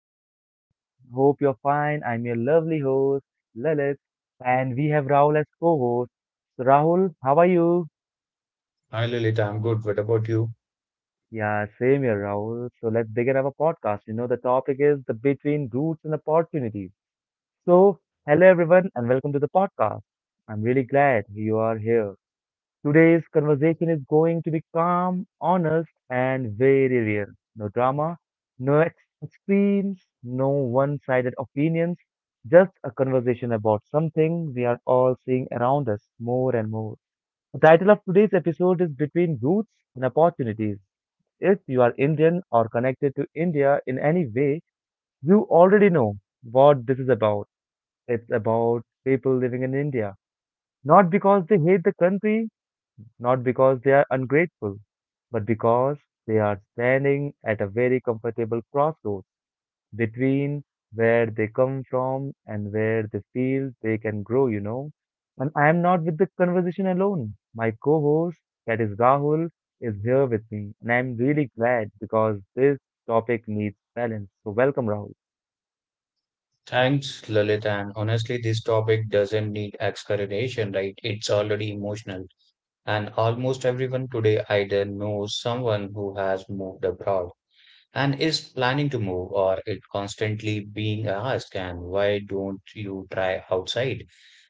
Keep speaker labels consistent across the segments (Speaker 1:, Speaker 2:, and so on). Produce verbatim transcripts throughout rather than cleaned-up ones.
Speaker 1: are you all? Hope you're fine. I'm your lovely host, Lalit, and we have Rahul as co-host. So, Rahul, how are you?
Speaker 2: Hi Lalita, I'm good. What about you?
Speaker 1: Yeah, same here, Rahul. So, let's begin our podcast. You know, the topic is the between roots and opportunities. So, hello, everyone, and welcome to the podcast. I'm really glad you are here. Today's conversation is going to be calm, honest, and very real. No drama, no ex- extremes, no one sided opinions, just a conversation about something we are all seeing around us more and more. The title of today's episode is Between Roots and Opportunities. If you are Indian or connected to India in any way, you already know what this is about. It's about people living in India. Not because they hate the country, not because they are ungrateful, but because they are standing at a very comfortable crossroads between where they come from and where they feel they can grow, you know. And I am not with the conversation alone. My co host, that is Rahul, is here with me. And I'm really glad because this topic needs balance. So, welcome, Rahul.
Speaker 2: Thanks, Lalita. And honestly, this topic doesn't need explanation, right? It's already emotional. And almost everyone today either knows someone who has moved abroad and is planning to move, or it constantly being asked, and why don't you try outside?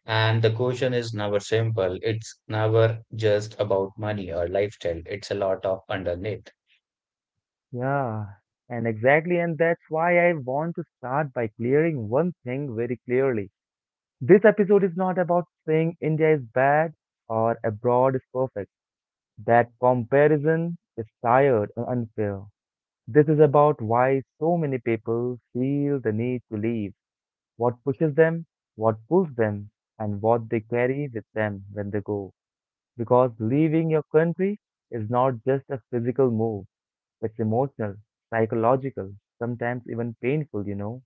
Speaker 2: And the question is never simple. It's never just about money or lifestyle. It's a lot of underneath.
Speaker 1: Yeah, and exactly, and that's why I want to start by clearing one thing very clearly. This episode is not about saying India is bad or abroad is perfect. That comparison is tired and unfair. This is about why so many people feel the need to leave, what pushes them, what pulls them, and what they carry with them when they go. Because leaving your country is not just a physical move, it's emotional, psychological, sometimes even painful, you know.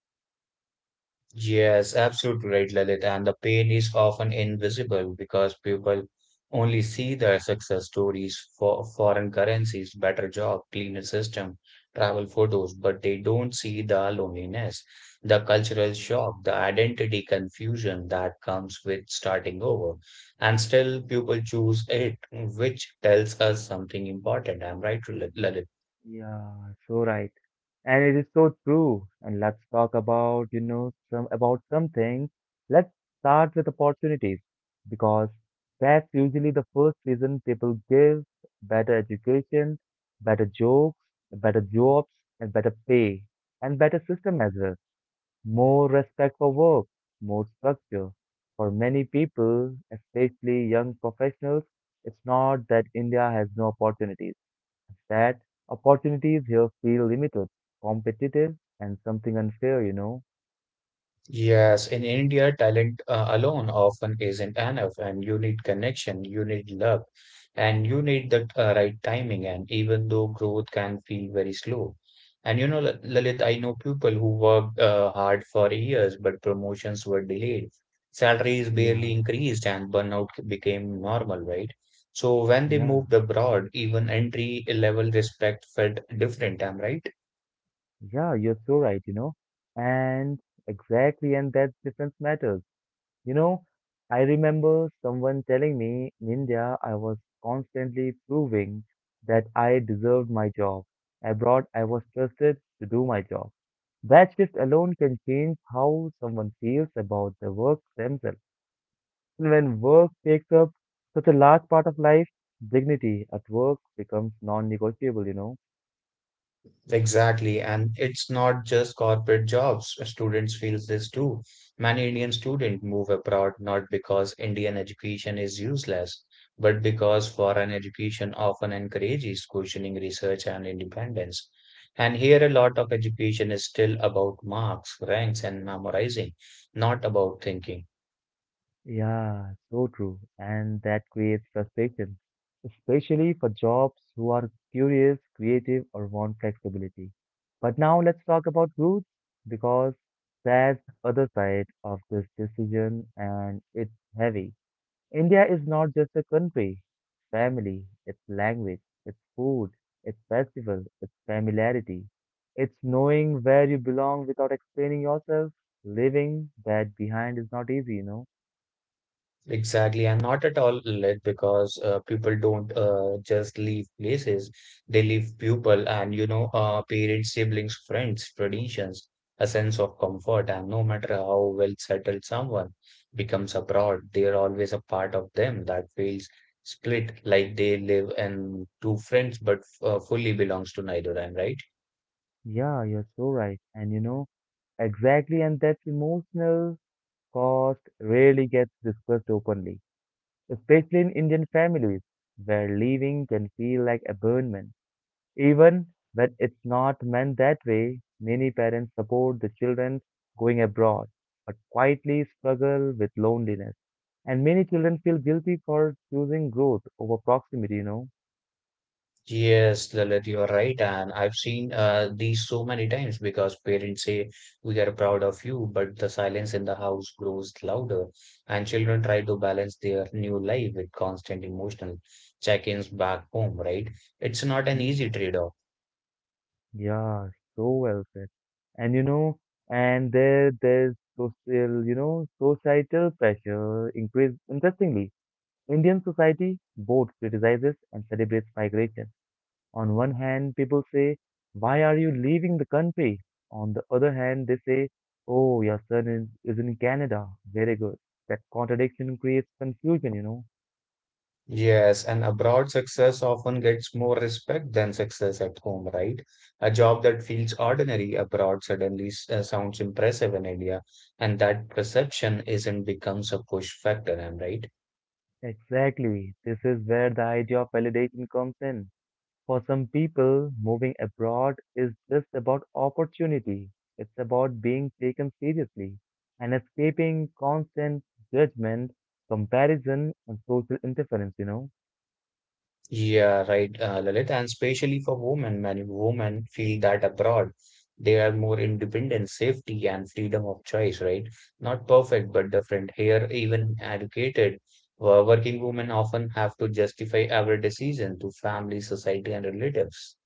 Speaker 2: Yes, absolutely right, Lalit. And the pain is often invisible because people only see their success stories for foreign currencies, better job, cleaner system, travel photos, but they don't see the loneliness, the cultural shock, the identity confusion that comes with starting over. And still, people choose it, which tells us something important. I'm right, Lalit.
Speaker 1: Yeah, so right. And it is so true. And let's talk about, you know, some about something. Let's start with opportunities because that's usually the first reason people give better education, better jobs, better jobs, and better pay, and better system as well. More respect for work, more structure. For many people, especially young professionals, it's not that India has no opportunities that opportunities here feel limited, competitive, and something unfair, you know.
Speaker 2: Yes, in India, talent uh, alone often isn't enough, and you need connection, you need luck, and you need the uh, right timing. And even though growth can feel very slow, and you know, Lal- Lalit, I know people who worked uh, hard for years, but promotions were delayed, salaries barely
Speaker 1: Yeah,
Speaker 2: increased, and burnout became normal, right? So when they
Speaker 1: yeah,
Speaker 2: moved abroad, even entry level respect felt different. I'm right.
Speaker 1: yeah, you're so right, you know. And exactly, and that difference matters. You know, I remember someone telling me in India I was constantly proving that I deserved my job. Abroad, I was trusted to do my job. That shift alone can change how someone feels about the work themselves. And when work takes up such a large part of life, dignity at work becomes non-negotiable, you know?
Speaker 2: Exactly. And it's not just corporate jobs. Students feel this too. Many Indian students move abroad not because Indian education is useless, but because foreign education often encourages questioning research and independence. And here, a lot of education is still about marks, ranks, and memorizing, not about thinking.
Speaker 1: Yeah, so true. And that creates frustration, especially for jobs who are curious, creative, or want flexibility. But now let's talk about roots because that's the other side of this decision and it's heavy. India is not just a country, it's family, its language, its food, its festival, its familiarity. It's knowing where you belong without explaining yourself. Living that behind is not easy, you know.
Speaker 2: Exactly, and not at all late because uh, people don't uh, just leave places, they leave people and you know, uh, parents, siblings, friends, traditions, a sense of comfort. And no matter how well settled someone becomes abroad, they are always a part of them that feels split like they live in two friends but uh, fully belongs to neither. I'm right.
Speaker 1: Yeah, you're so right. And you know, exactly, and that emotional cost rarely gets discussed openly, especially in Indian families, where leaving can feel like abandonment. Even when it's not meant that way, many parents support the children going abroad, but quietly struggle with loneliness. And many children feel guilty for choosing growth over proximity, you know.
Speaker 2: Yes, Lalit, you are right. And I've seen uh, these so many times because parents say, "We are proud of you," but the silence in the house grows louder, and children try to balance their new life with constant emotional check-ins back home, right? It's not an
Speaker 1: Hmm.
Speaker 2: easy trade-off.
Speaker 1: Yeah, so well said. And you know, and there there's social, you know, societal pressure increase. Interestingly, Indian society both criticizes and celebrates migration. On one hand, people say, "Why are you leaving the country?" On the other hand, they say, "Oh, your son is, is in Canada. Very good." That contradiction creates confusion, you know.
Speaker 2: Yes, and abroad success often gets more respect than success at home, right? A job that feels ordinary abroad suddenly s- uh, sounds impressive in India, and that perception isn't becomes a push factor, am I right?
Speaker 1: Exactly. This is where the idea of validation comes in. For some people, moving abroad is just about opportunity. It's about being taken seriously and escaping constant judgment, comparison, and social interference, you know.
Speaker 2: Yeah, right, uh, Lalit, and especially for women, many women feel that abroad they are more independent, safety, and freedom of choice, right? Not perfect, but different. Here, even educated, wo- working women often have to justify every decision to family, society, and relatives.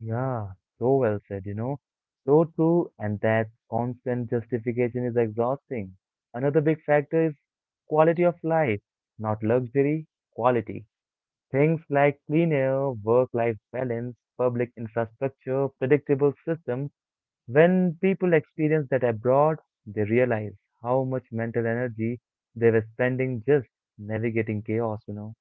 Speaker 1: Yeah, so well said, you know. So true, and that constant justification is exhausting. Another big factor is quality of life, not luxury, quality. Things like clean air, work-life balance, public infrastructure, predictable systems. When people experience that abroad, they realize how much mental energy they were spending just navigating chaos, you know.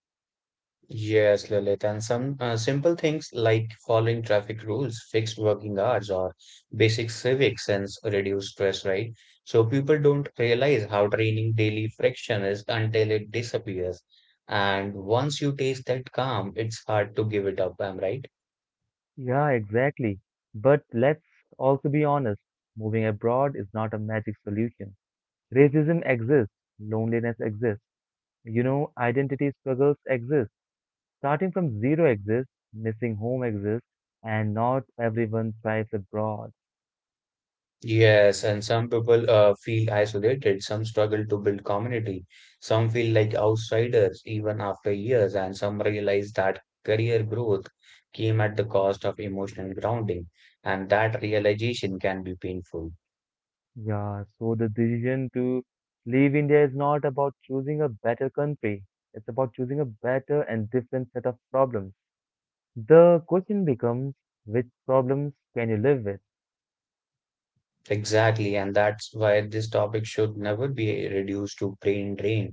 Speaker 2: Yes, Lilith, and some uh, simple things like following traffic rules, fixed working hours, or basic civic sense reduce stress, right? So people don't realize how draining daily friction is until it disappears. And once you taste that calm, it's hard to give it up, am I right?
Speaker 1: Yeah, exactly. But let's also be honest. Moving abroad is not a magic solution. Racism exists, loneliness exists, you know, identity struggles exist. Starting from zero exists, missing home exists, and not everyone thrives abroad.
Speaker 2: Yes, and some people uh, feel isolated, some struggle to build community, some feel like outsiders even after years, and some realize that career growth came at the cost of emotional grounding, and that realization can be painful.
Speaker 1: Yeah, so the decision to leave India is not about choosing a better country. It's about choosing a better and different set of problems. The question becomes, which problems can you live with?
Speaker 2: Exactly, and that's why this topic should never be reduced to brain drain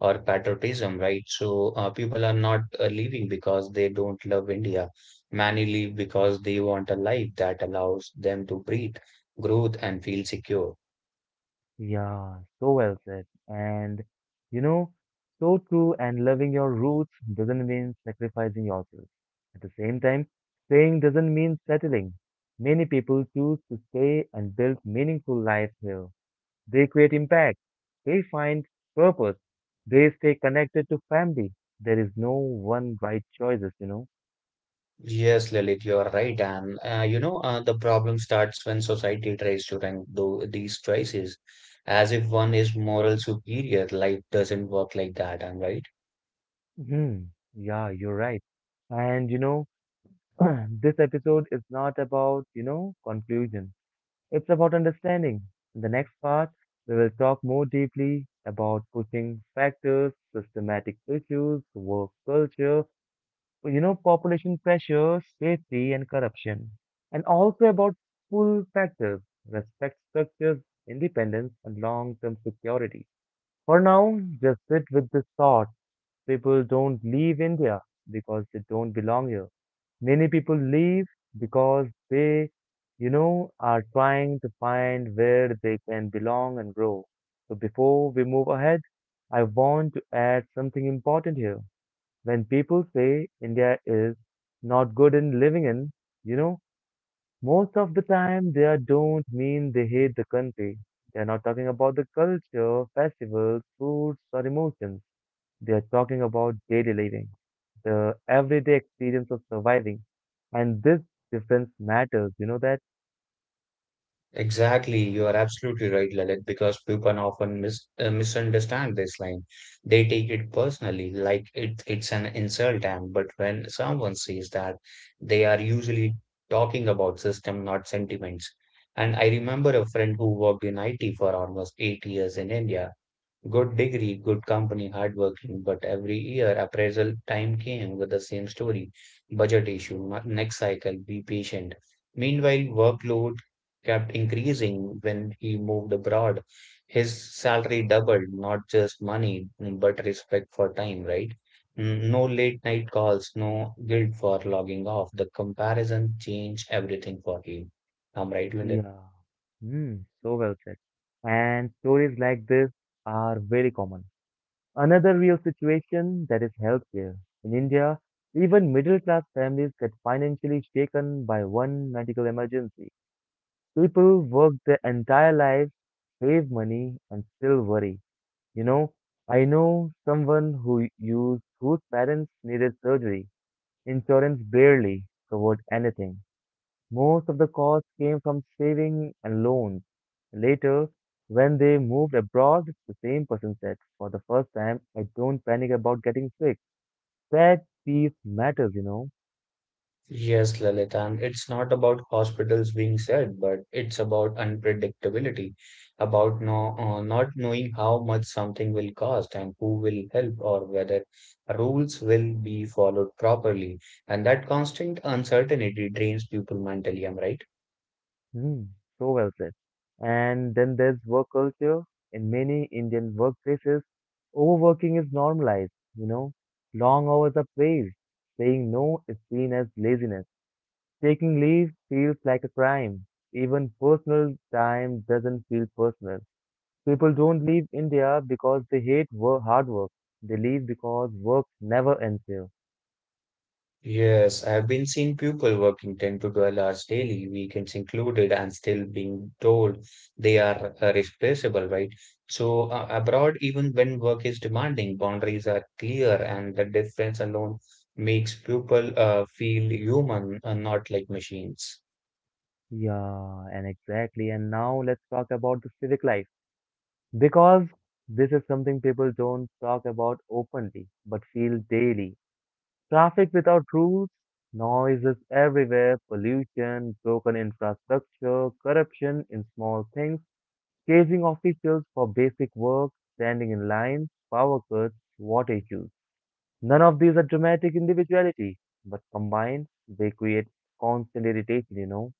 Speaker 2: or patriotism, right? So uh, people are not uh, leaving because they don't love India. Many leave because they want a life that allows them to breathe, growth, and feel secure.
Speaker 1: Yeah, so well said. And you know, so true and loving your roots doesn't mean sacrificing yourself. At the same time, staying doesn't mean settling. Many people choose to stay and build meaningful lives here. They create impact. They find purpose. They stay connected to family. There is no one right choices, you know.
Speaker 2: Yes, Lilith, you are right. And uh, you know, uh, the problem starts when society tries to rank tho- these choices as if one is moral superior. Life doesn't work like that. I'm right.
Speaker 1: Hmm. Yeah, you're right. And you know, this episode is not about, you know, conclusion. It's about understanding. In the next part, we will talk more deeply about pushing factors, systematic issues, work culture, you know, population pressure, safety, and corruption, and also about pull factors, respect structures, independence, and long-term security. For now, just sit with this thought. People don't leave India because they don't belong here. Many people leave because they, you know, are trying to find where they can belong and grow. So before we move ahead, I want to add something important here. When people say India is not good in living in, you know, most of the time they are- don't mean they hate the country. They are not talking about the culture, festivals, foods, or emotions. They are talking about daily living, the everyday experience of surviving. And this difference matters, you know that?
Speaker 2: Exactly, you are absolutely right, Lalit, because people often mis uh, misunderstand this line. They take it personally, like it, it's an insult, and but when someone says that, they are usually talking about system, not sentiments. And I remember a friend who worked in I T for almost eight years in India. Good degree, good company, hardworking, but every year appraisal time came with the same story. Budget issue, ma- next cycle, be patient. Meanwhile, workload kept increasing when he moved abroad. His salary doubled, not just money, but respect for time, right? N- No late night calls, no guilt for logging off. The comparison changed everything for him. I'm right, Linda.
Speaker 1: Yeah. Hmm, so well said. And stories like this are very common. Another real situation that is healthcare. In India, even middle class families get financially shaken by one medical emergency. People work their entire lives, save money, and still worry. You know, I know someone who used whose parents needed surgery. Insurance barely covered anything. Most of the costs came from saving and loans. Later, when they moved abroad, the same person said, "For the first time, I don't panic about getting sick." That piece matters, you know.
Speaker 2: Yes, Lalit, and it's not about hospitals being sad, but it's about unpredictability, about no, uh, not knowing how much something will cost and who will help or whether rules will be followed properly. And that constant uncertainty drains people mentally, am I right?
Speaker 1: Hmm, so well said. And then there's work culture. In many Indian workplaces, overworking is normalized, you know. Long hours are praised. Saying no is seen as laziness. Taking leave feels like a crime. Even personal time doesn't feel personal. People don't leave India because they hate work, hard work. They leave because work never ends here.
Speaker 2: Yes, I've been seeing people working ten to twelve hours daily, weekends included, and still being told they are uh, replaceable, right? So, uh, abroad, even when work is demanding, boundaries are clear, and the difference alone makes people uh, feel human and not like machines.
Speaker 1: Yeah, and exactly. And now let's talk about the civic life. Because this is something people don't talk about openly, but feel daily. Traffic without rules, noises everywhere, pollution, broken infrastructure, corruption in small things, chasing officials for basic work, standing in lines, power cuts, water issues. None of these are dramatic individuality, but combined, they create constant irritation, you know.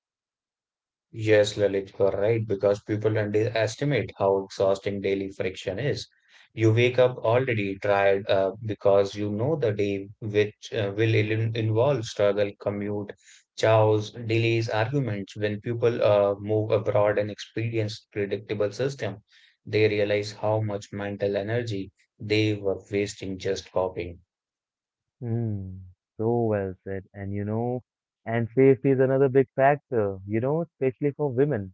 Speaker 2: Yes, Lalit, you are right, because people underestimate how exhausting daily friction is. You wake up already tired uh, because you know the day which uh, will il- involve struggle, commute, chows, delays, arguments. When people uh, move abroad and experience predictable system, they realize how much mental energy they were wasting just copying.
Speaker 1: Hmm, so well said. And you know, and safety is another big factor, you know, especially for women.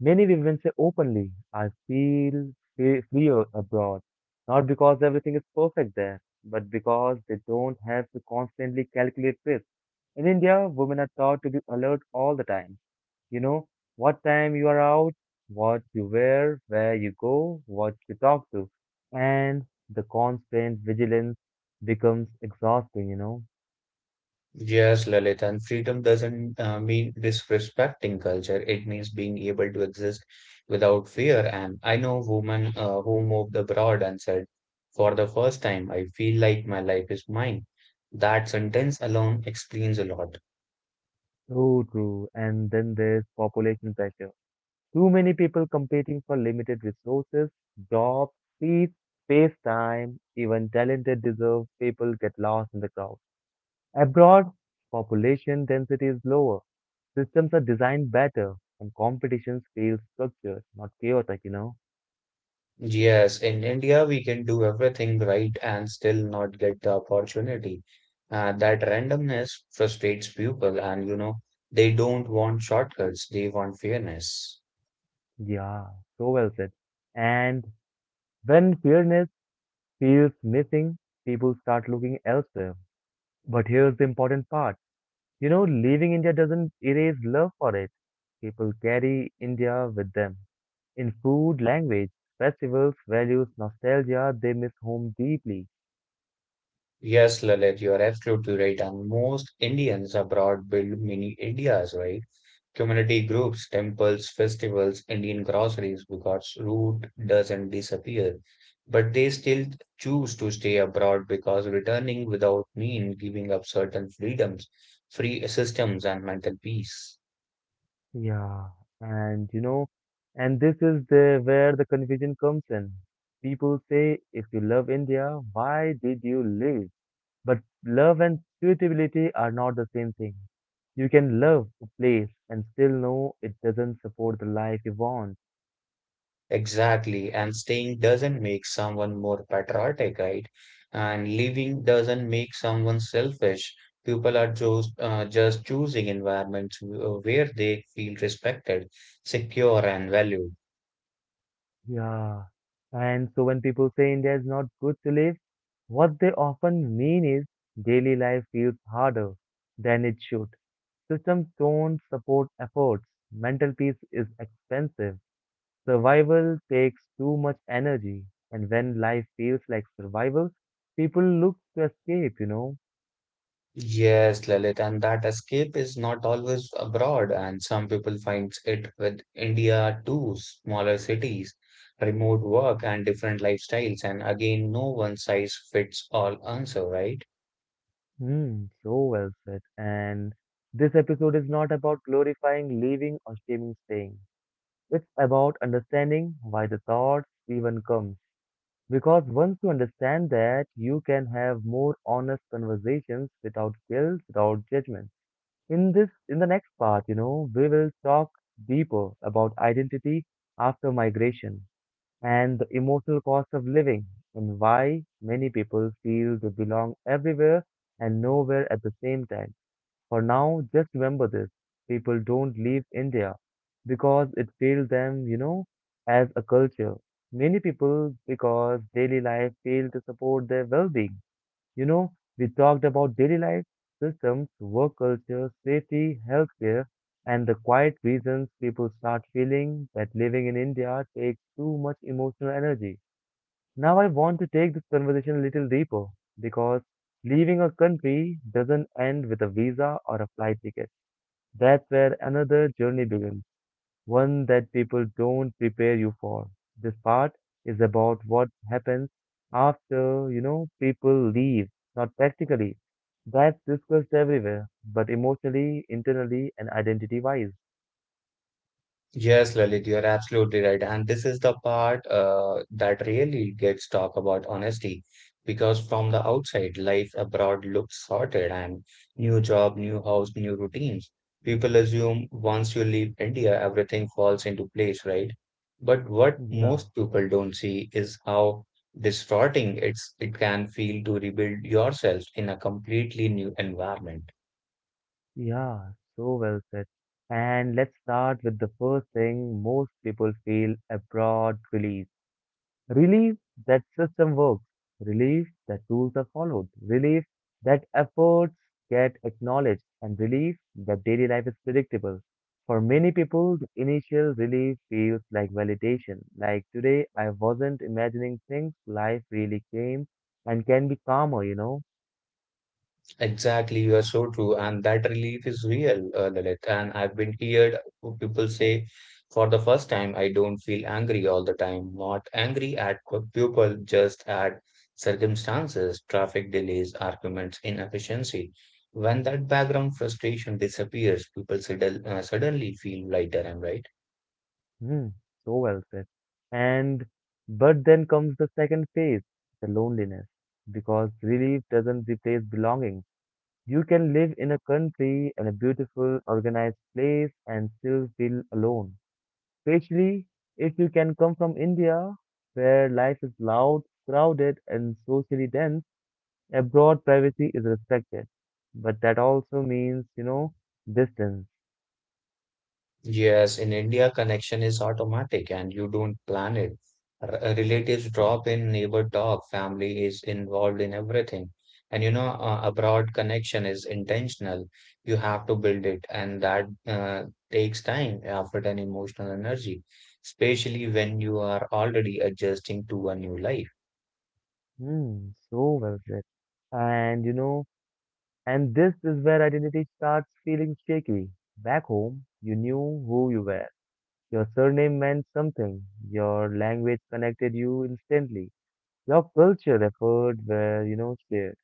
Speaker 1: Many women say openly, I feel fe- fear abroad, not because everything is perfect there, but because they don't have to constantly calculate risk. In India, women are taught to be alert all the time. You know, what time you are out, what you wear, where you go, what you talk to. And the constant vigilance becomes exhausting, you know.
Speaker 2: Yes, Lalit, and freedom doesn't uh, mean disrespecting culture. It means being able to exist without fear. And I know women uh, who moved abroad and said, "For the first time, I feel like my life is mine." That sentence alone explains a lot.
Speaker 1: So true. And then there's population pressure. Too many people competing for limited resources, jobs, peace, space time, even talented, deserved people get lost in the crowd. Abroad, population density is lower. Systems are designed better and competitions feel structured, not chaotic, you know?
Speaker 2: Yes, in India, we can do everything right and still not get the opportunity. Uh, that randomness frustrates people, and you know, they don't want shortcuts, they want fairness.
Speaker 1: Yeah, so well said. And when fairness feels missing, people start looking elsewhere. But here's the important part. You know, leaving India doesn't erase love for it. People carry India with them. In food, language, festivals, values, nostalgia, they miss home deeply.
Speaker 2: Yes, Lalit, you are absolutely right. And most Indians abroad build mini Indias, right? Community groups, temples, festivals, Indian groceries, because root doesn't disappear. But they still choose to stay abroad because returning without mean giving up certain freedoms, free systems, and mental peace.
Speaker 1: Yeah, and you know, and this is the where the confusion comes in. People say, if you love India, why did you leave? But love and suitability are not the same thing. You can love a place and still know it doesn't support the life you want.
Speaker 2: Exactly. And staying doesn't make someone more patriotic, right? And leaving doesn't make someone selfish. People are just, uh, just choosing environments wh- where they feel respected, secure, and valued.
Speaker 1: Yeah. And so when people say India is not good to live, what they often mean is daily life feels harder than it should. Systems don't support efforts. Mental peace is expensive. Survival takes too much energy. And when life feels like survival, people look to escape, you know.
Speaker 2: Yes, Lalit, and that escape is not always abroad, and some people find it with India too, smaller cities, remote work, and different lifestyles. And again, no one size fits all answer, right?
Speaker 1: Hmm, so well said. And this episode is not about glorifying leaving or shaming staying. It's about understanding why the thoughts even come. Because once you understand that, you can have more honest conversations without guilt, without judgment. In this, in the next part, you know, we will talk deeper about identity after migration and the emotional cost of living and why many people feel they belong everywhere and nowhere at the same time. For now, just remember this. People don't leave India because it failed them, you know, as a culture. Many people because daily life failed to support their well-being. You know, we talked about daily life, systems, work culture, safety, healthcare, and the quiet reasons people start feeling that living in India takes too much emotional energy. Now, I want to take this conversation a little deeper because leaving a country doesn't end with a visa or a flight ticket. That's where another journey begins, one that people don't prepare you for. This part is about what happens after, you know, people leave, not practically. That's discussed everywhere, but emotionally, internally, and identity wise.
Speaker 2: Yes, Lalit, you're absolutely right. And this is the part uh, that really gets talk about honesty, because from the outside, life abroad looks sorted and new job, new house, new routines. People assume once you leave India, everything falls into place, right? But what
Speaker 1: Yeah,
Speaker 2: most people don't see is how distorting it's it can feel to rebuild yourself in a completely new environment.
Speaker 1: yeah, so well said. And let's start with the first thing most people feel abroad release. Relief that system works. Relief that rules are followed. Relief that efforts get acknowledged. And relief that daily life is predictable. For many people, the initial relief feels like validation. Like today, I wasn't imagining things. Life really came and can be calmer, you know?
Speaker 2: Exactly, you are so true, and that relief is real, uh, Lalit. And I've been heard people say, for the first time, I don't feel angry all the time. Not angry at p- people, just at circumstances, traffic delays, arguments, inefficiency. When that background frustration disappears, people sudden, uh, suddenly feel lighter. Am I right?
Speaker 1: Hmm, so well said. And, but then comes the second phase, the loneliness. Because relief doesn't replace belonging. You can live in a country and a beautiful, organized place and still feel alone. Especially if you can come from India, where life is loud, crowded, and socially dense, abroad privacy is respected. But that also means, you know, distance.
Speaker 2: Yes, in India, connection is automatic and you don't plan it. R- uh, relatives drop in, neighbor talk, family is involved in everything. And you know, uh, abroad connection is intentional. You have to build it, and that uh, takes time, effort, and emotional energy, especially when you are already adjusting to a new life.
Speaker 1: Hmm, so well said. And you know, and this is where identity starts feeling shaky. Back home, you knew who you were. Your surname meant something. Your language connected you instantly. Your culture effort were, you know, shared.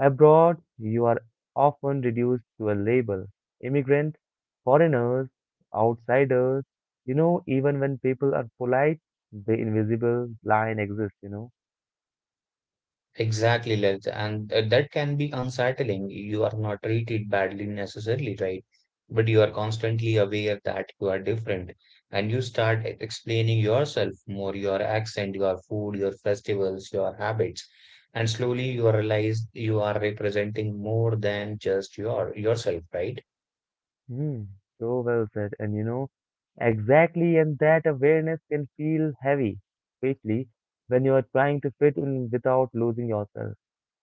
Speaker 1: Abroad, you are often reduced to a label. Immigrant, foreigners, outsiders. You know, even when people are polite, the invisible line exists, you know.
Speaker 2: Exactly, Lalit. And uh, that can be unsettling. You are not treated badly necessarily, right? But you are constantly aware that you are different. And you start e- explaining yourself more, your accent, your food, your festivals, your habits. And slowly you realize you are representing more than just your yourself, right?
Speaker 1: Hmm, so well said. And you know, exactly, and that awareness can feel heavy, especially when you are trying to fit in without losing yourself.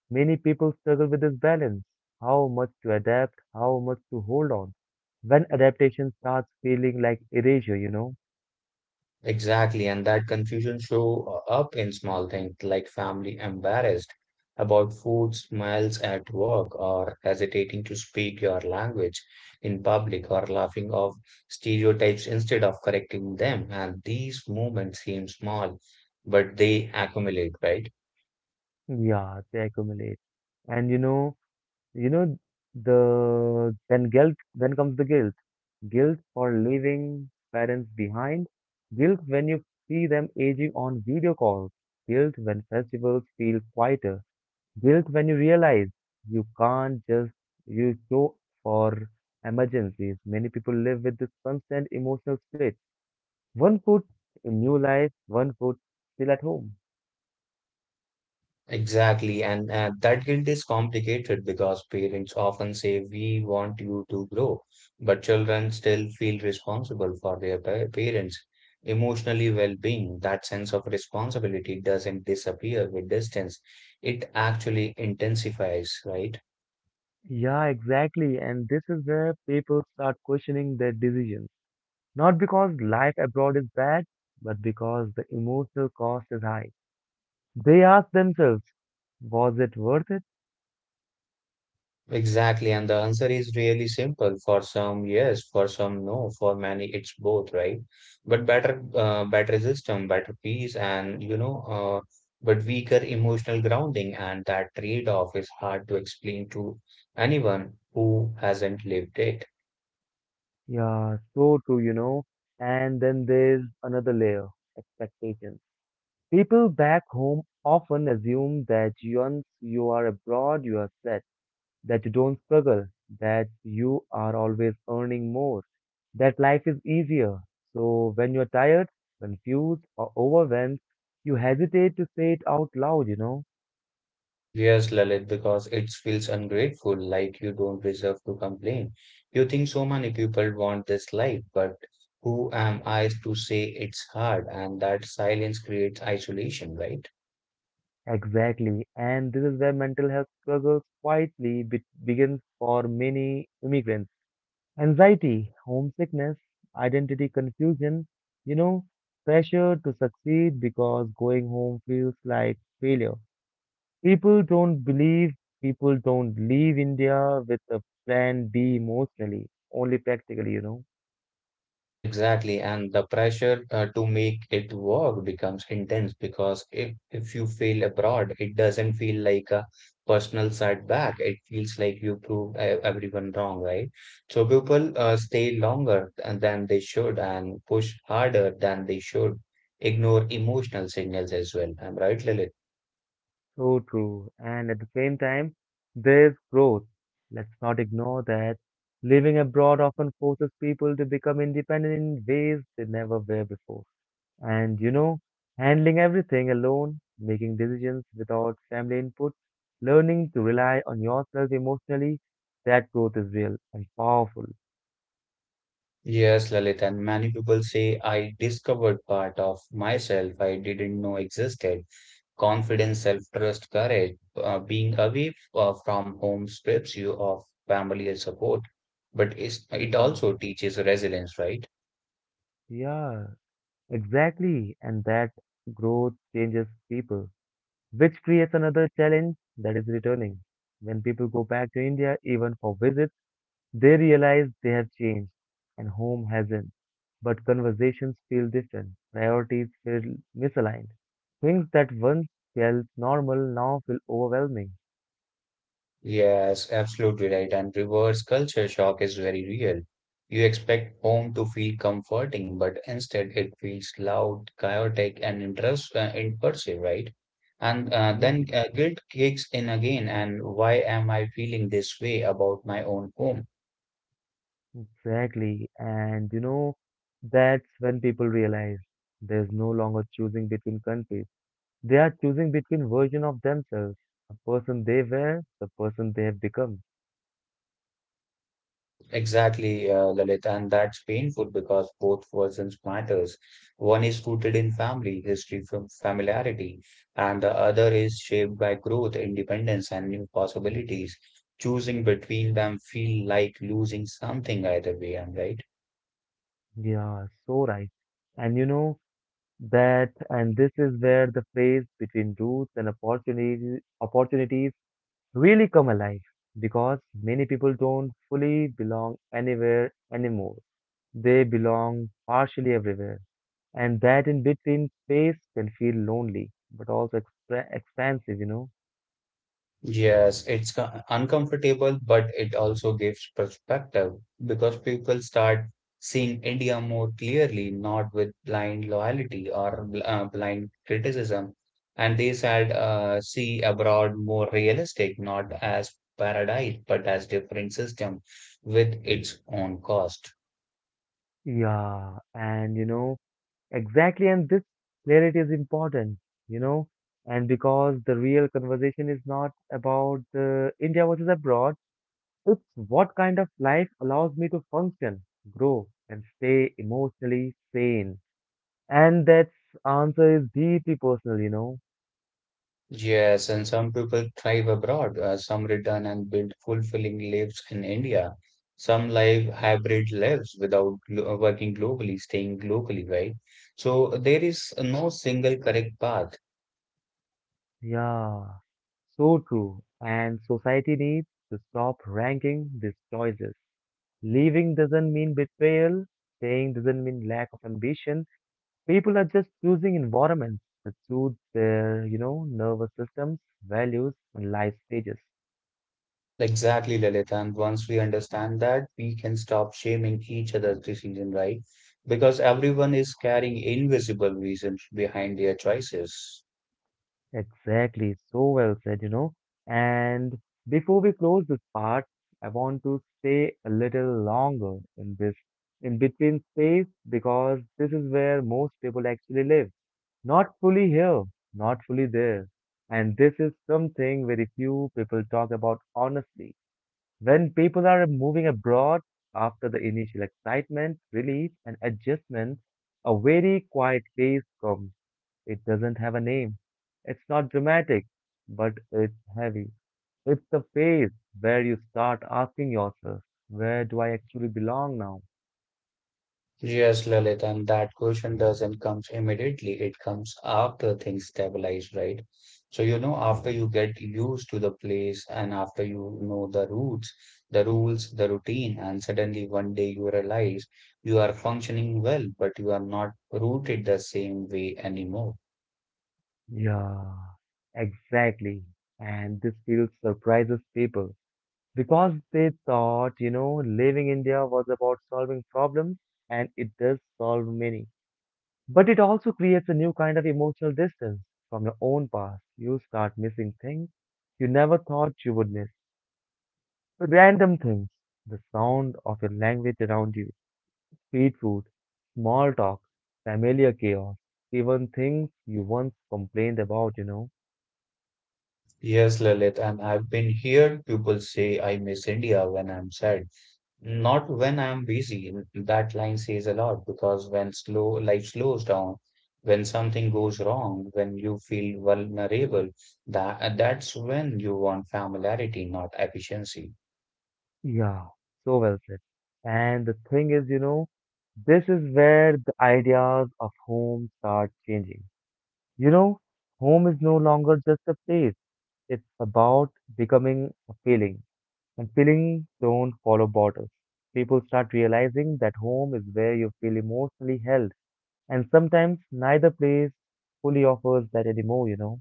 Speaker 1: Many people struggle with this balance, how much to adapt, how much to hold on. When adaptation starts feeling like erasure, you know,
Speaker 2: Exactly, and that confusion show up in small things like family embarrassed about food smells at work or hesitating to speak your language in public or laughing off stereotypes instead of correcting them. And these moments seem small, but they accumulate, right?
Speaker 1: yeah, they accumulate. And you know, you know, the then guilt, then comes the guilt. Guilt for leaving parents behind, guilt when you see them aging on video calls, guilt when festivals feel quieter. Guilt when you realize you can't just use show for emergencies. Many people live with this constant emotional split. One foot in new life, one foot still at home.
Speaker 2: Exactly, and, and that guilt is complicated because parents often say, "We want you to grow," but children still feel responsible for their pa- parents' emotionally well being. That sense of responsibility doesn't disappear with distance, it actually intensifies, right?
Speaker 1: Yeah, exactly. And this is where people start questioning their decisions. Not because life abroad is bad, but because the emotional cost is high. They ask themselves, was it worth it?
Speaker 2: Exactly, and the answer is really simple. For some, yes, for some, no. For many, it's both, right? But better, uh, better system, better peace, and you know, uh, but weaker emotional grounding, and that trade-off is hard to explain to anyone who hasn't lived it.
Speaker 1: Yeah, so true, you know. And then there's another layer, expectations. People back home often assume that once you are abroad, you are set, that you don't struggle, that you are always earning more, that life is easier. So when you're tired, confused, or overwhelmed, you hesitate to say it out loud, you know?
Speaker 2: Yes, Lalit, because it feels ungrateful, like you don't deserve to complain. You think so many people want this life, but who am I to say it's hard? And that silence creates isolation, right?
Speaker 1: Exactly. And this is where mental health struggles quietly be begins for many immigrants. Anxiety, homesickness, identity confusion, you know, pressure to succeed because going home feels like failure. People don't believe, people don't leave India with a plan B emotionally, only practically, you know.
Speaker 2: Exactly, and the pressure uh, to make it work becomes intense because if if you fail abroad, it doesn't feel like a personal setback. It feels like you proved e- everyone wrong, right? So people uh, stay longer th- than they should and push harder than they should, ignore emotional signals as well. I'm right, Lalit?
Speaker 1: So true. And at the same time, there's growth. Let's not ignore that. Living abroad often forces people to become independent in ways they never were before. And you know, handling everything alone, making decisions without family input, learning to rely on yourself emotionally, that growth is real and powerful.
Speaker 2: Yes, Lalit, and many people say I discovered part of myself I didn't know existed. Confidence, self-trust, courage. Uh, being away uh, from home strips you of family and support, but it's, it
Speaker 1: Yeah,
Speaker 2: also teaches resilience, right?
Speaker 1: yeah, exactly. And that growth changes people, which creates another challenge that is returning. When people go back to India, even for visits, they realize they have changed and home hasn't, but conversations feel different, priorities feel misaligned. Things that once felt normal now feel overwhelming.
Speaker 2: Yes, absolutely right. And reverse culture shock is very real. You expect home to feel comforting, but instead it feels loud, chaotic, and intrusive, uh, intrusive, right? And uh,
Speaker 1: Hmm,
Speaker 2: then uh, guilt kicks in again, and why am I feeling this way about my own home?
Speaker 1: exactly. And you know, that's when people realize there's no longer choosing between countries. They are choosing between versions of themselves, the person they were, the person they have become.
Speaker 2: Exactly, uh, Lalit, and that's painful because both versions matters. One is rooted in family, history from familiarity, and the other is shaped by growth, independence, and new possibilities. Choosing between them feel like losing something either way, I'm right.
Speaker 1: Yeah, so right. And you know, that and this is where the phrase between roots and opportunities opportunities really come alive because many people don't fully belong anywhere anymore. They belong partially everywhere, and that in between space can feel lonely but also exp- expansive you know
Speaker 2: Yes, it's co- uncomfortable, but it also gives perspective because people start seeing India more clearly, not with blind loyalty or bl- uh, blind criticism. And they said, uh, see abroad more realistic, not as paradise, but as different system with its own cost.
Speaker 1: yeah and you know exactly and this clarity is important, you know and because the real conversation is not about the India versus abroad. It's what kind of life allows me to function, grow, and stay emotionally sane. And that answer is deeply personal, you know.
Speaker 2: Yes, and some people thrive abroad, uh, some return and build fulfilling lives in India, some live hybrid lives without glo- uh, working globally, staying locally, right? So there is no single correct path.
Speaker 1: Yeah, so true. And society needs to stop ranking these choices. Leaving doesn't mean betrayal, staying doesn't mean lack of ambition. People are just choosing environments that suit their, you know, nervous systems, values, and life stages.
Speaker 2: Exactly, Lalit. And once we understand that, we can stop shaming each other's decision, right? Because everyone is carrying invisible reasons behind their choices.
Speaker 1: Exactly, so well said, you know. And before we close this part, I want to stay a little longer in this in between space because this is where most people actually live. Not fully here, not fully there. And this is something very few people talk about honestly. When people are moving abroad after the initial excitement, relief, and adjustment, a very quiet phase comes. It doesn't have a name. It's not dramatic, but it's heavy. It's the phase where you start asking yourself, where do I actually belong now?
Speaker 2: Yes, Lalit, and that question doesn't come immediately. It comes after things stabilize, right? So, you know, after you get used to the place and after you know the routes, the rules, the routine, and suddenly one day you realize you are functioning well, but you are not rooted the same way anymore.
Speaker 1: Yeah, exactly. And this field surprises people because they thought, you know, leaving India was about solving problems, and it does solve many. But it also creates a new kind of emotional distance from your own past. You start missing things you never thought you would miss. Random things, the sound of your language around you, street food, small talk, familiar chaos, even things you once complained about, you know.
Speaker 2: Yes, Lalit, and I've been heard people say I miss India when I'm sad. Not when I'm busy. That line says a lot because when slow life slows down, when something goes wrong, when you feel vulnerable, that that's when you want familiarity, not efficiency.
Speaker 1: Yeah, so well said. And the thing is, you know, this is where the ideas of home start changing. You know, home is no longer just a place. It's about becoming a feeling. And feelings don't follow borders. People start realizing that home is where you feel emotionally held. And sometimes neither place fully offers that anymore, you know?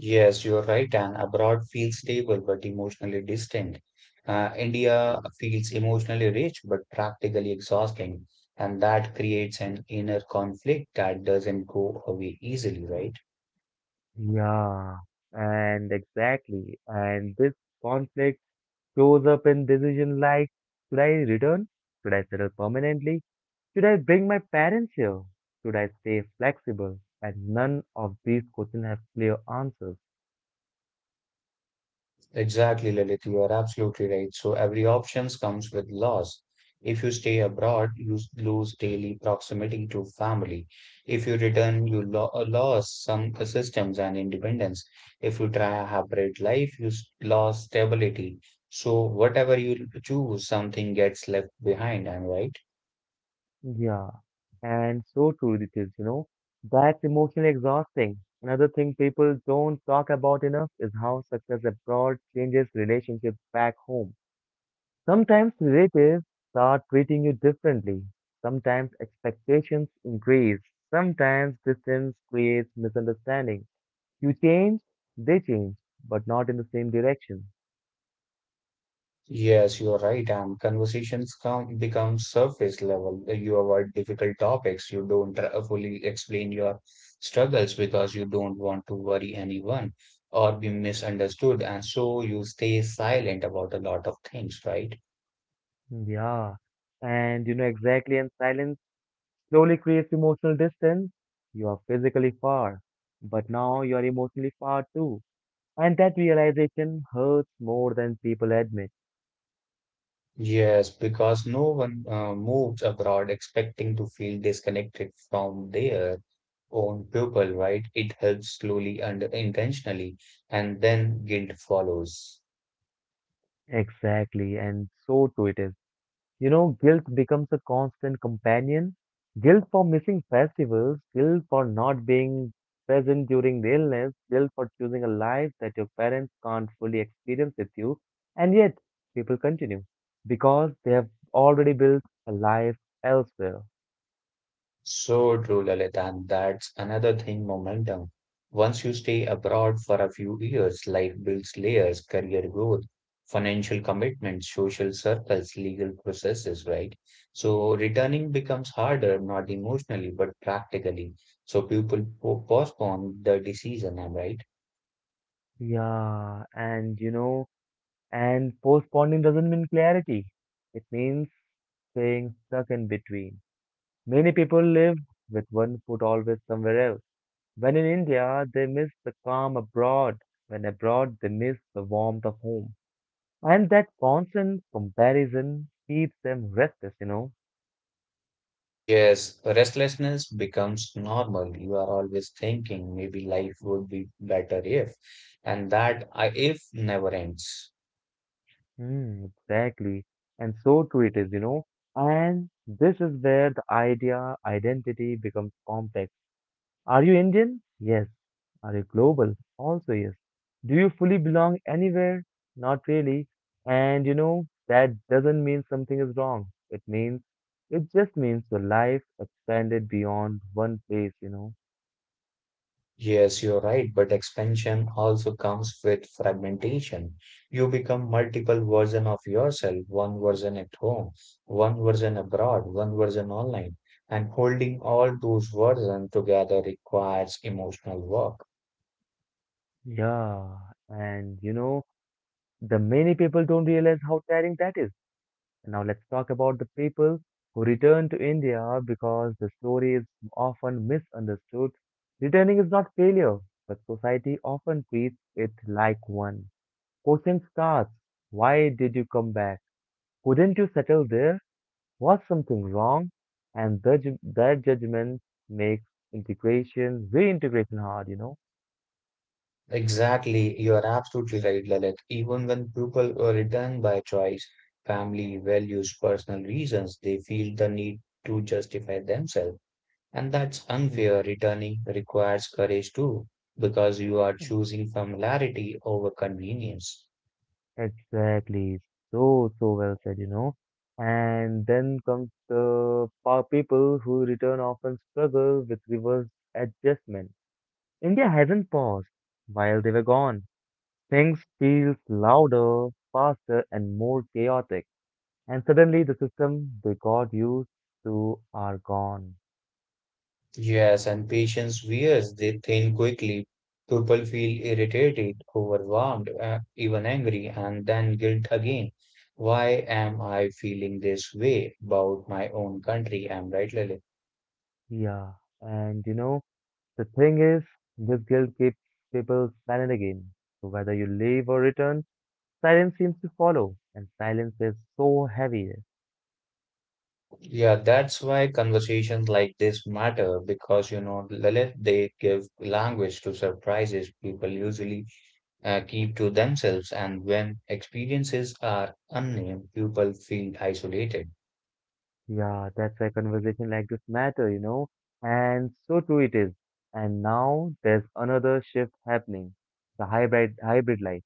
Speaker 2: Yes, you're right. And abroad feels stable but emotionally distant. Uh, India feels emotionally rich but practically exhausting, and that creates an inner conflict that doesn't go away easily, right?
Speaker 1: Yeah, and exactly. And this conflict shows up in decision like, should I return? Should I settle permanently? Should I bring my parents here? Should I stay flexible? And none of these questions have clear answers.
Speaker 2: Exactly, Lilith, you are absolutely right. So every options comes with loss. If you stay abroad, you s- lose daily proximity to family. If you return, you lo lose some uh, systems and independence. If you try a hybrid life, you s- lose stability. So whatever you choose, something gets left behind, am I right?
Speaker 1: Yeah, and so true it is, you know. That's emotionally exhausting. Another thing people don't talk about enough is how success abroad changes relationships back home. Sometimes relatives start treating you differently. Sometimes expectations increase. Sometimes distance creates misunderstanding. You change, they change, but not in the same direction.
Speaker 2: Yes, you are right. And conversations come become surface level. You avoid difficult topics. You don't tr- fully explain your struggles because you don't want to worry anyone or be misunderstood. And so you stay silent about a lot of things, right?
Speaker 1: Yeah, and you know exactly, and silence slowly creates emotional distance. You are physically far, but now you are emotionally far too. And that realization hurts more than people admit.
Speaker 2: Yes, because no one uh, moves abroad expecting to feel disconnected from their own people, right? It helps slowly and intentionally, and then guilt follows.
Speaker 1: Exactly, and so too it is. You know, guilt becomes a constant companion. Guilt for missing festivals, guilt for not being present during the illness, guilt for choosing a life that your parents can't fully experience with you. And yet, people continue because they have already built a life elsewhere.
Speaker 2: So true, Lalit, and that's another thing momentum. Once you stay abroad for a few years, life builds layers, career growth, financial commitments, social circles, legal processes, right? So returning becomes harder, not emotionally, but practically. So people po- postpone the decision, am I right?
Speaker 1: Yeah, and you know, and postponing doesn't mean clarity. It means staying stuck in between. Many people live with one foot always somewhere else. When in India, they miss the calm abroad. When abroad, they miss the warmth of home. And that constant comparison keeps them restless, you know.
Speaker 2: Yes, restlessness becomes normal. You are always thinking maybe life would be better if, and that I if never ends.
Speaker 1: Hmm, exactly. And so true it is, you know. And this is where the idea identity becomes complex. Are you Indian? Yes. Are you global? Also, yes. Do you fully belong anywhere? Not really. And you know, that doesn't mean something is wrong. It means, it just means your life expanded beyond one place, you know.
Speaker 2: Yes, you're right, but expansion also comes with fragmentation. You become multiple version of yourself, one version at home, one version abroad, one version online, and holding all those versions together requires emotional work.
Speaker 1: Yeah. And you know, the many people don't realize how tiring that is. Now let's talk about the people who return to India because the story is often misunderstood. Returning is not failure, but society often treats it like one. Question starts, why did you come back? Couldn't you settle there? Was something wrong? And the, ju- that judgment makes integration, reintegration hard, you know?
Speaker 2: Exactly, you are absolutely right, Lalit. Even when people are return by choice, family values, personal reasons, they feel the need to justify themselves. And that's
Speaker 1: Mm.
Speaker 2: unfair. Returning requires courage too, because you are choosing familiarity over convenience.
Speaker 1: Exactly. So, so well said, you know. And then comes the pa- people who return often struggle with reverse adjustment. India hasn't paused while they were gone. Things feels louder, faster, and more chaotic. And suddenly the system we got used to are gone.
Speaker 2: Yes, and patience wears they thin quickly. People feel irritated, overwhelmed, uh, even angry, and then guilt again. Why am I feeling this way about my own country? Am right, Lalit?
Speaker 1: Yeah. And you know, the thing is, this guilt keeps people silent again. So whether you leave or return, silence seems to follow, and silence is so heavy.
Speaker 2: Yeah, that's why conversations like this matter because you know, Lalit, they give language to surprises people usually uh, keep to themselves, and when experiences are unnamed, people feel isolated.
Speaker 1: Yeah, that's why conversation like this matter, you know, and so true it is. And now there's another shift happening, the hybrid hybrid life,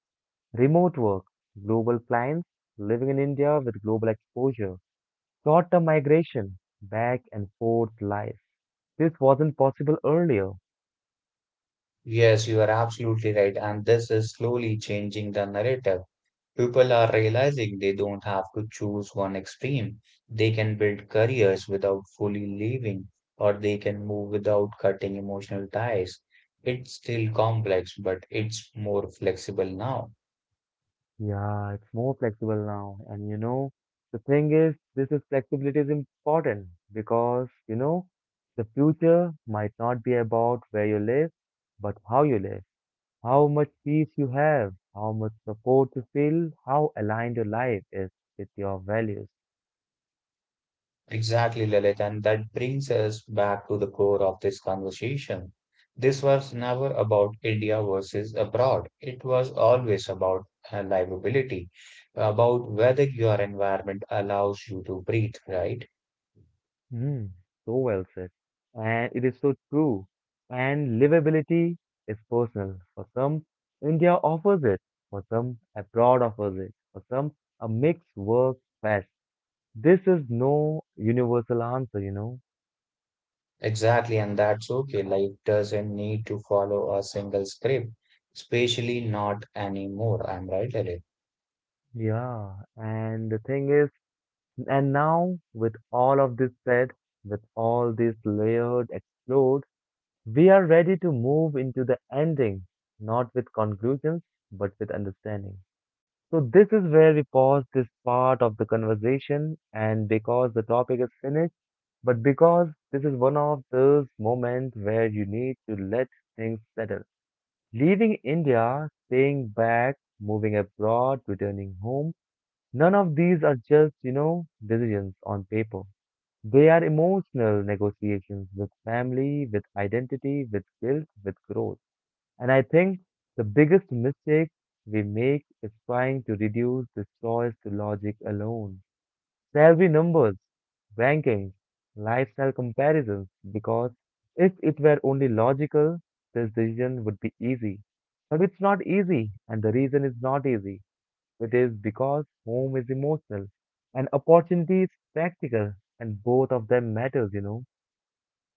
Speaker 1: remote work, global clients, living in India with global exposure, short-term migration, back and forth life. This wasn't possible earlier.
Speaker 2: Yes, you are absolutely right, and this is slowly changing the narrative. People are realizing they don't have to choose one extreme. They can build careers without fully leaving, or they can move without cutting emotional ties. It's still complex, but it's more flexible now.
Speaker 1: Yeah, it's more flexible now. And you know, the thing is, this is flexibility is important because, you know, the future might not be about where you live, but how you live, how much peace you have, how much support you feel, how aligned your life is with your values.
Speaker 2: Exactly, Lilith, and that brings us back to the core of this conversation. This was never about India versus abroad. It was always about uh, livability, about whether your environment allows you to breathe, right?
Speaker 1: Mm, so well said. And it is so true. And livability is personal. For some, India offers it. For some, abroad offers it. For some, a mix works best. This is no universal answer, you know.
Speaker 2: Exactly, and that's okay. Life doesn't need to follow a single script, especially not anymore. I'm right, Lilith.
Speaker 1: Yeah. And the thing is, and now with all of this said, with all this layered, explored, we are ready to move into the ending, not with conclusions, but with understanding. So, this is where we pause this part of the conversation, and because the topic is finished, but because this is one of those moments where you need to let things settle. Leaving India, staying back, moving abroad, returning home, none of these are just, you know, decisions on paper. They are emotional negotiations with family, with identity, with guilt, with growth. And I think the biggest mistake we make is trying to reduce this choice to logic alone. Salary numbers, rankings, lifestyle comparisons, because if it were only logical, this decision would be easy. But it's not easy, and the reason is not easy. It is because home is emotional and opportunity is practical, and both of them matters, you know.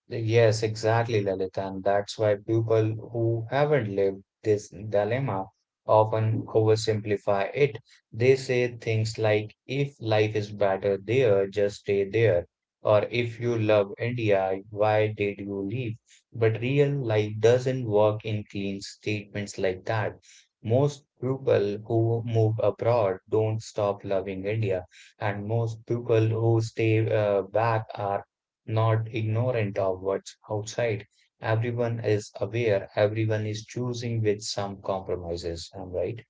Speaker 2: Yes, exactly, Lalit. And that's why people who haven't lived this dilemma often oversimplify it. They say things like, if life is better there, just stay there. Or if you love India, why did you leave? But real life doesn't work in clean statements like that. Most people who move abroad don't stop loving India, and most people who stay uh, back are not ignorant of what's outside. Everyone is aware, everyone is choosing with some compromises. I'm right.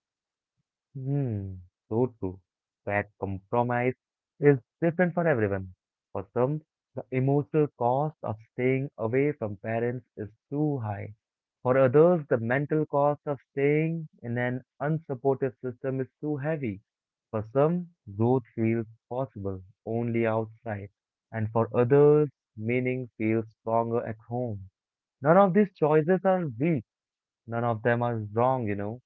Speaker 1: Hmm, so true. That compromise is different for everyone. For some, the emotional cost of staying away from parents is too high. For others, the mental cost of staying in an unsupportive system is too heavy. For some, growth feels possible only outside, and for others, meaning feels stronger at home. None of these choices are weak, none of them are wrong, you know.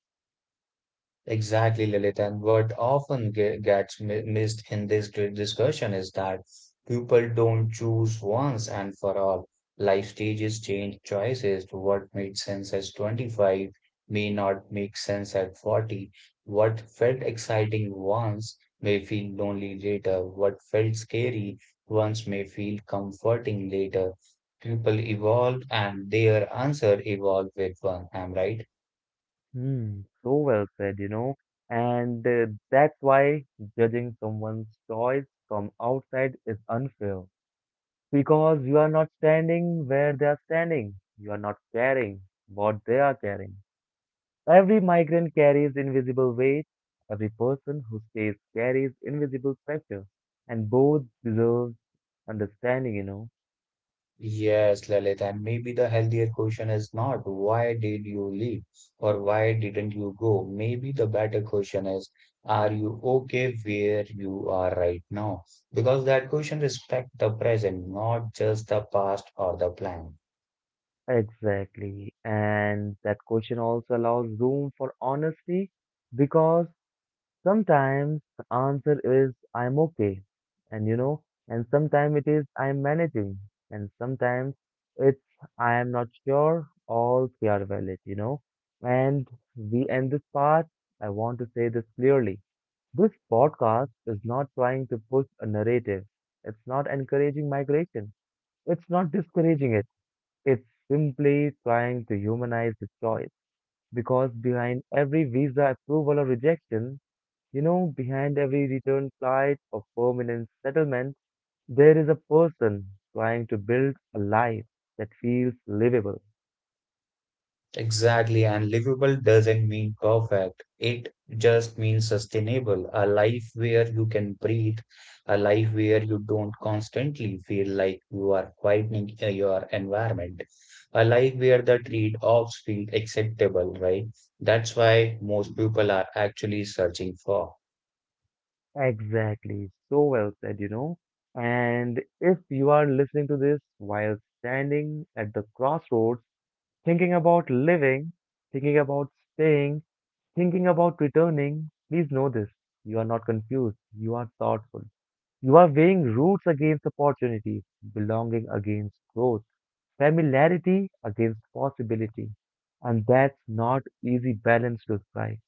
Speaker 2: Exactly, Lilith. And what often ge- gets mi- missed in this great discussion is that people don't choose once and for all. Life stages change choices. What made sense at twenty-five may not make sense at forty. What felt exciting once may feel lonely later. What felt scary once may feel comforting later. People evolve and their answer evolve with one. Am I right.
Speaker 1: Hmm, so well said, you know. And uh, that's why judging someone's choice from outside is unfair. Because you are not standing where they are standing. You are not carrying what they are carrying. Every migrant carries invisible weight. Every person who stays carries invisible pressure. And both deserve understanding, you know.
Speaker 2: Yes, Lalit, and maybe the healthier question is not why did you leave or why didn't you go? Maybe the better question is, are you okay where you are right now? Because that question respects the present, not just the past or the plan.
Speaker 1: Exactly. And that question also allows room for honesty, because sometimes the answer is I'm okay, and you know, and sometimes it is I'm managing, and sometimes it's I am not sure. All three are valid, you know. And we end this part, I want to say this clearly. This podcast is not trying to push a narrative, it's not encouraging migration, it's not discouraging it, it's simply trying to humanize the choice. Because behind every visa approval or rejection, you know, behind every return flight or permanent settlement, there is a person trying to build a life that feels livable.
Speaker 2: Exactly, and livable doesn't mean perfect. It just means sustainable. A life where you can breathe, a life where you don't constantly feel like you are fighting uh, your environment, a life where the trade-offs feel acceptable, right? That's why most people are actually searching for.
Speaker 1: Exactly. So well said, you know. And if you are listening to this while standing at the crossroads, thinking about living, thinking about staying, thinking about returning, please know this. You are not confused. You are thoughtful. You are weighing roots against opportunity, belonging against growth, familiarity against possibility. And that's not easy balance to strike.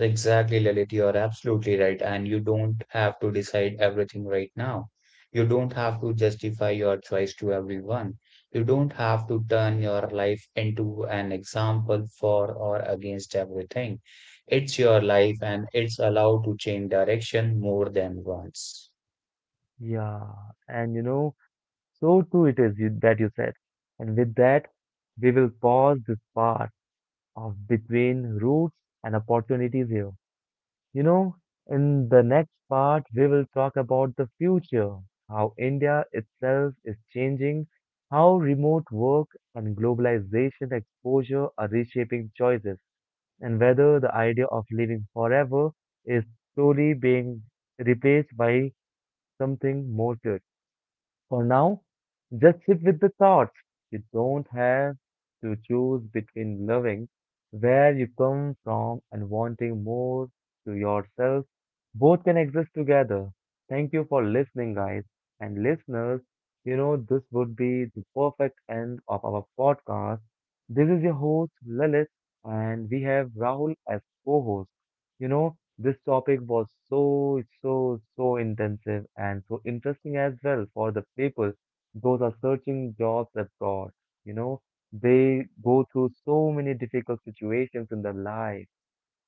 Speaker 2: Exactly, Lalit, you are absolutely right. And you don't have to decide everything right now. You don't have to justify your choice to everyone. You don't have to turn your life into an example for or against everything. It's your life and it's allowed to change direction more than once.
Speaker 1: Yeah, and you know, so too it is you, that you said. And with that, we will pause this part of between roots and opportunities here. You know, in the next part, we will talk about the future, how India itself is changing, how remote work and globalization exposure are reshaping choices and whether the idea of living forever is slowly being replaced by something more. For now, just sit with the thoughts. You don't have to choose between loving where you come from and wanting more to yourself. Both can exist together. Thank you for listening, guys and listeners. You know, this would be the perfect end of our podcast. This is your host, Lalit, and we have Rahul as co host. You know, this topic was so, so, so intensive and so interesting as well for the people. Those are searching jobs abroad. You know, they go through so many difficult situations in their life,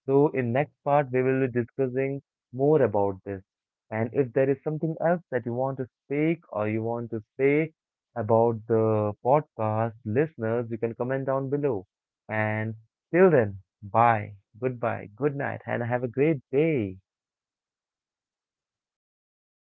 Speaker 1: so in next part, we will be discussing more about this. And if there is something else that you want to speak or you want to say about the podcast listeners, you can comment down below. And till then, bye, goodbye, good night, and have a great day.
Speaker 2: Bye bye,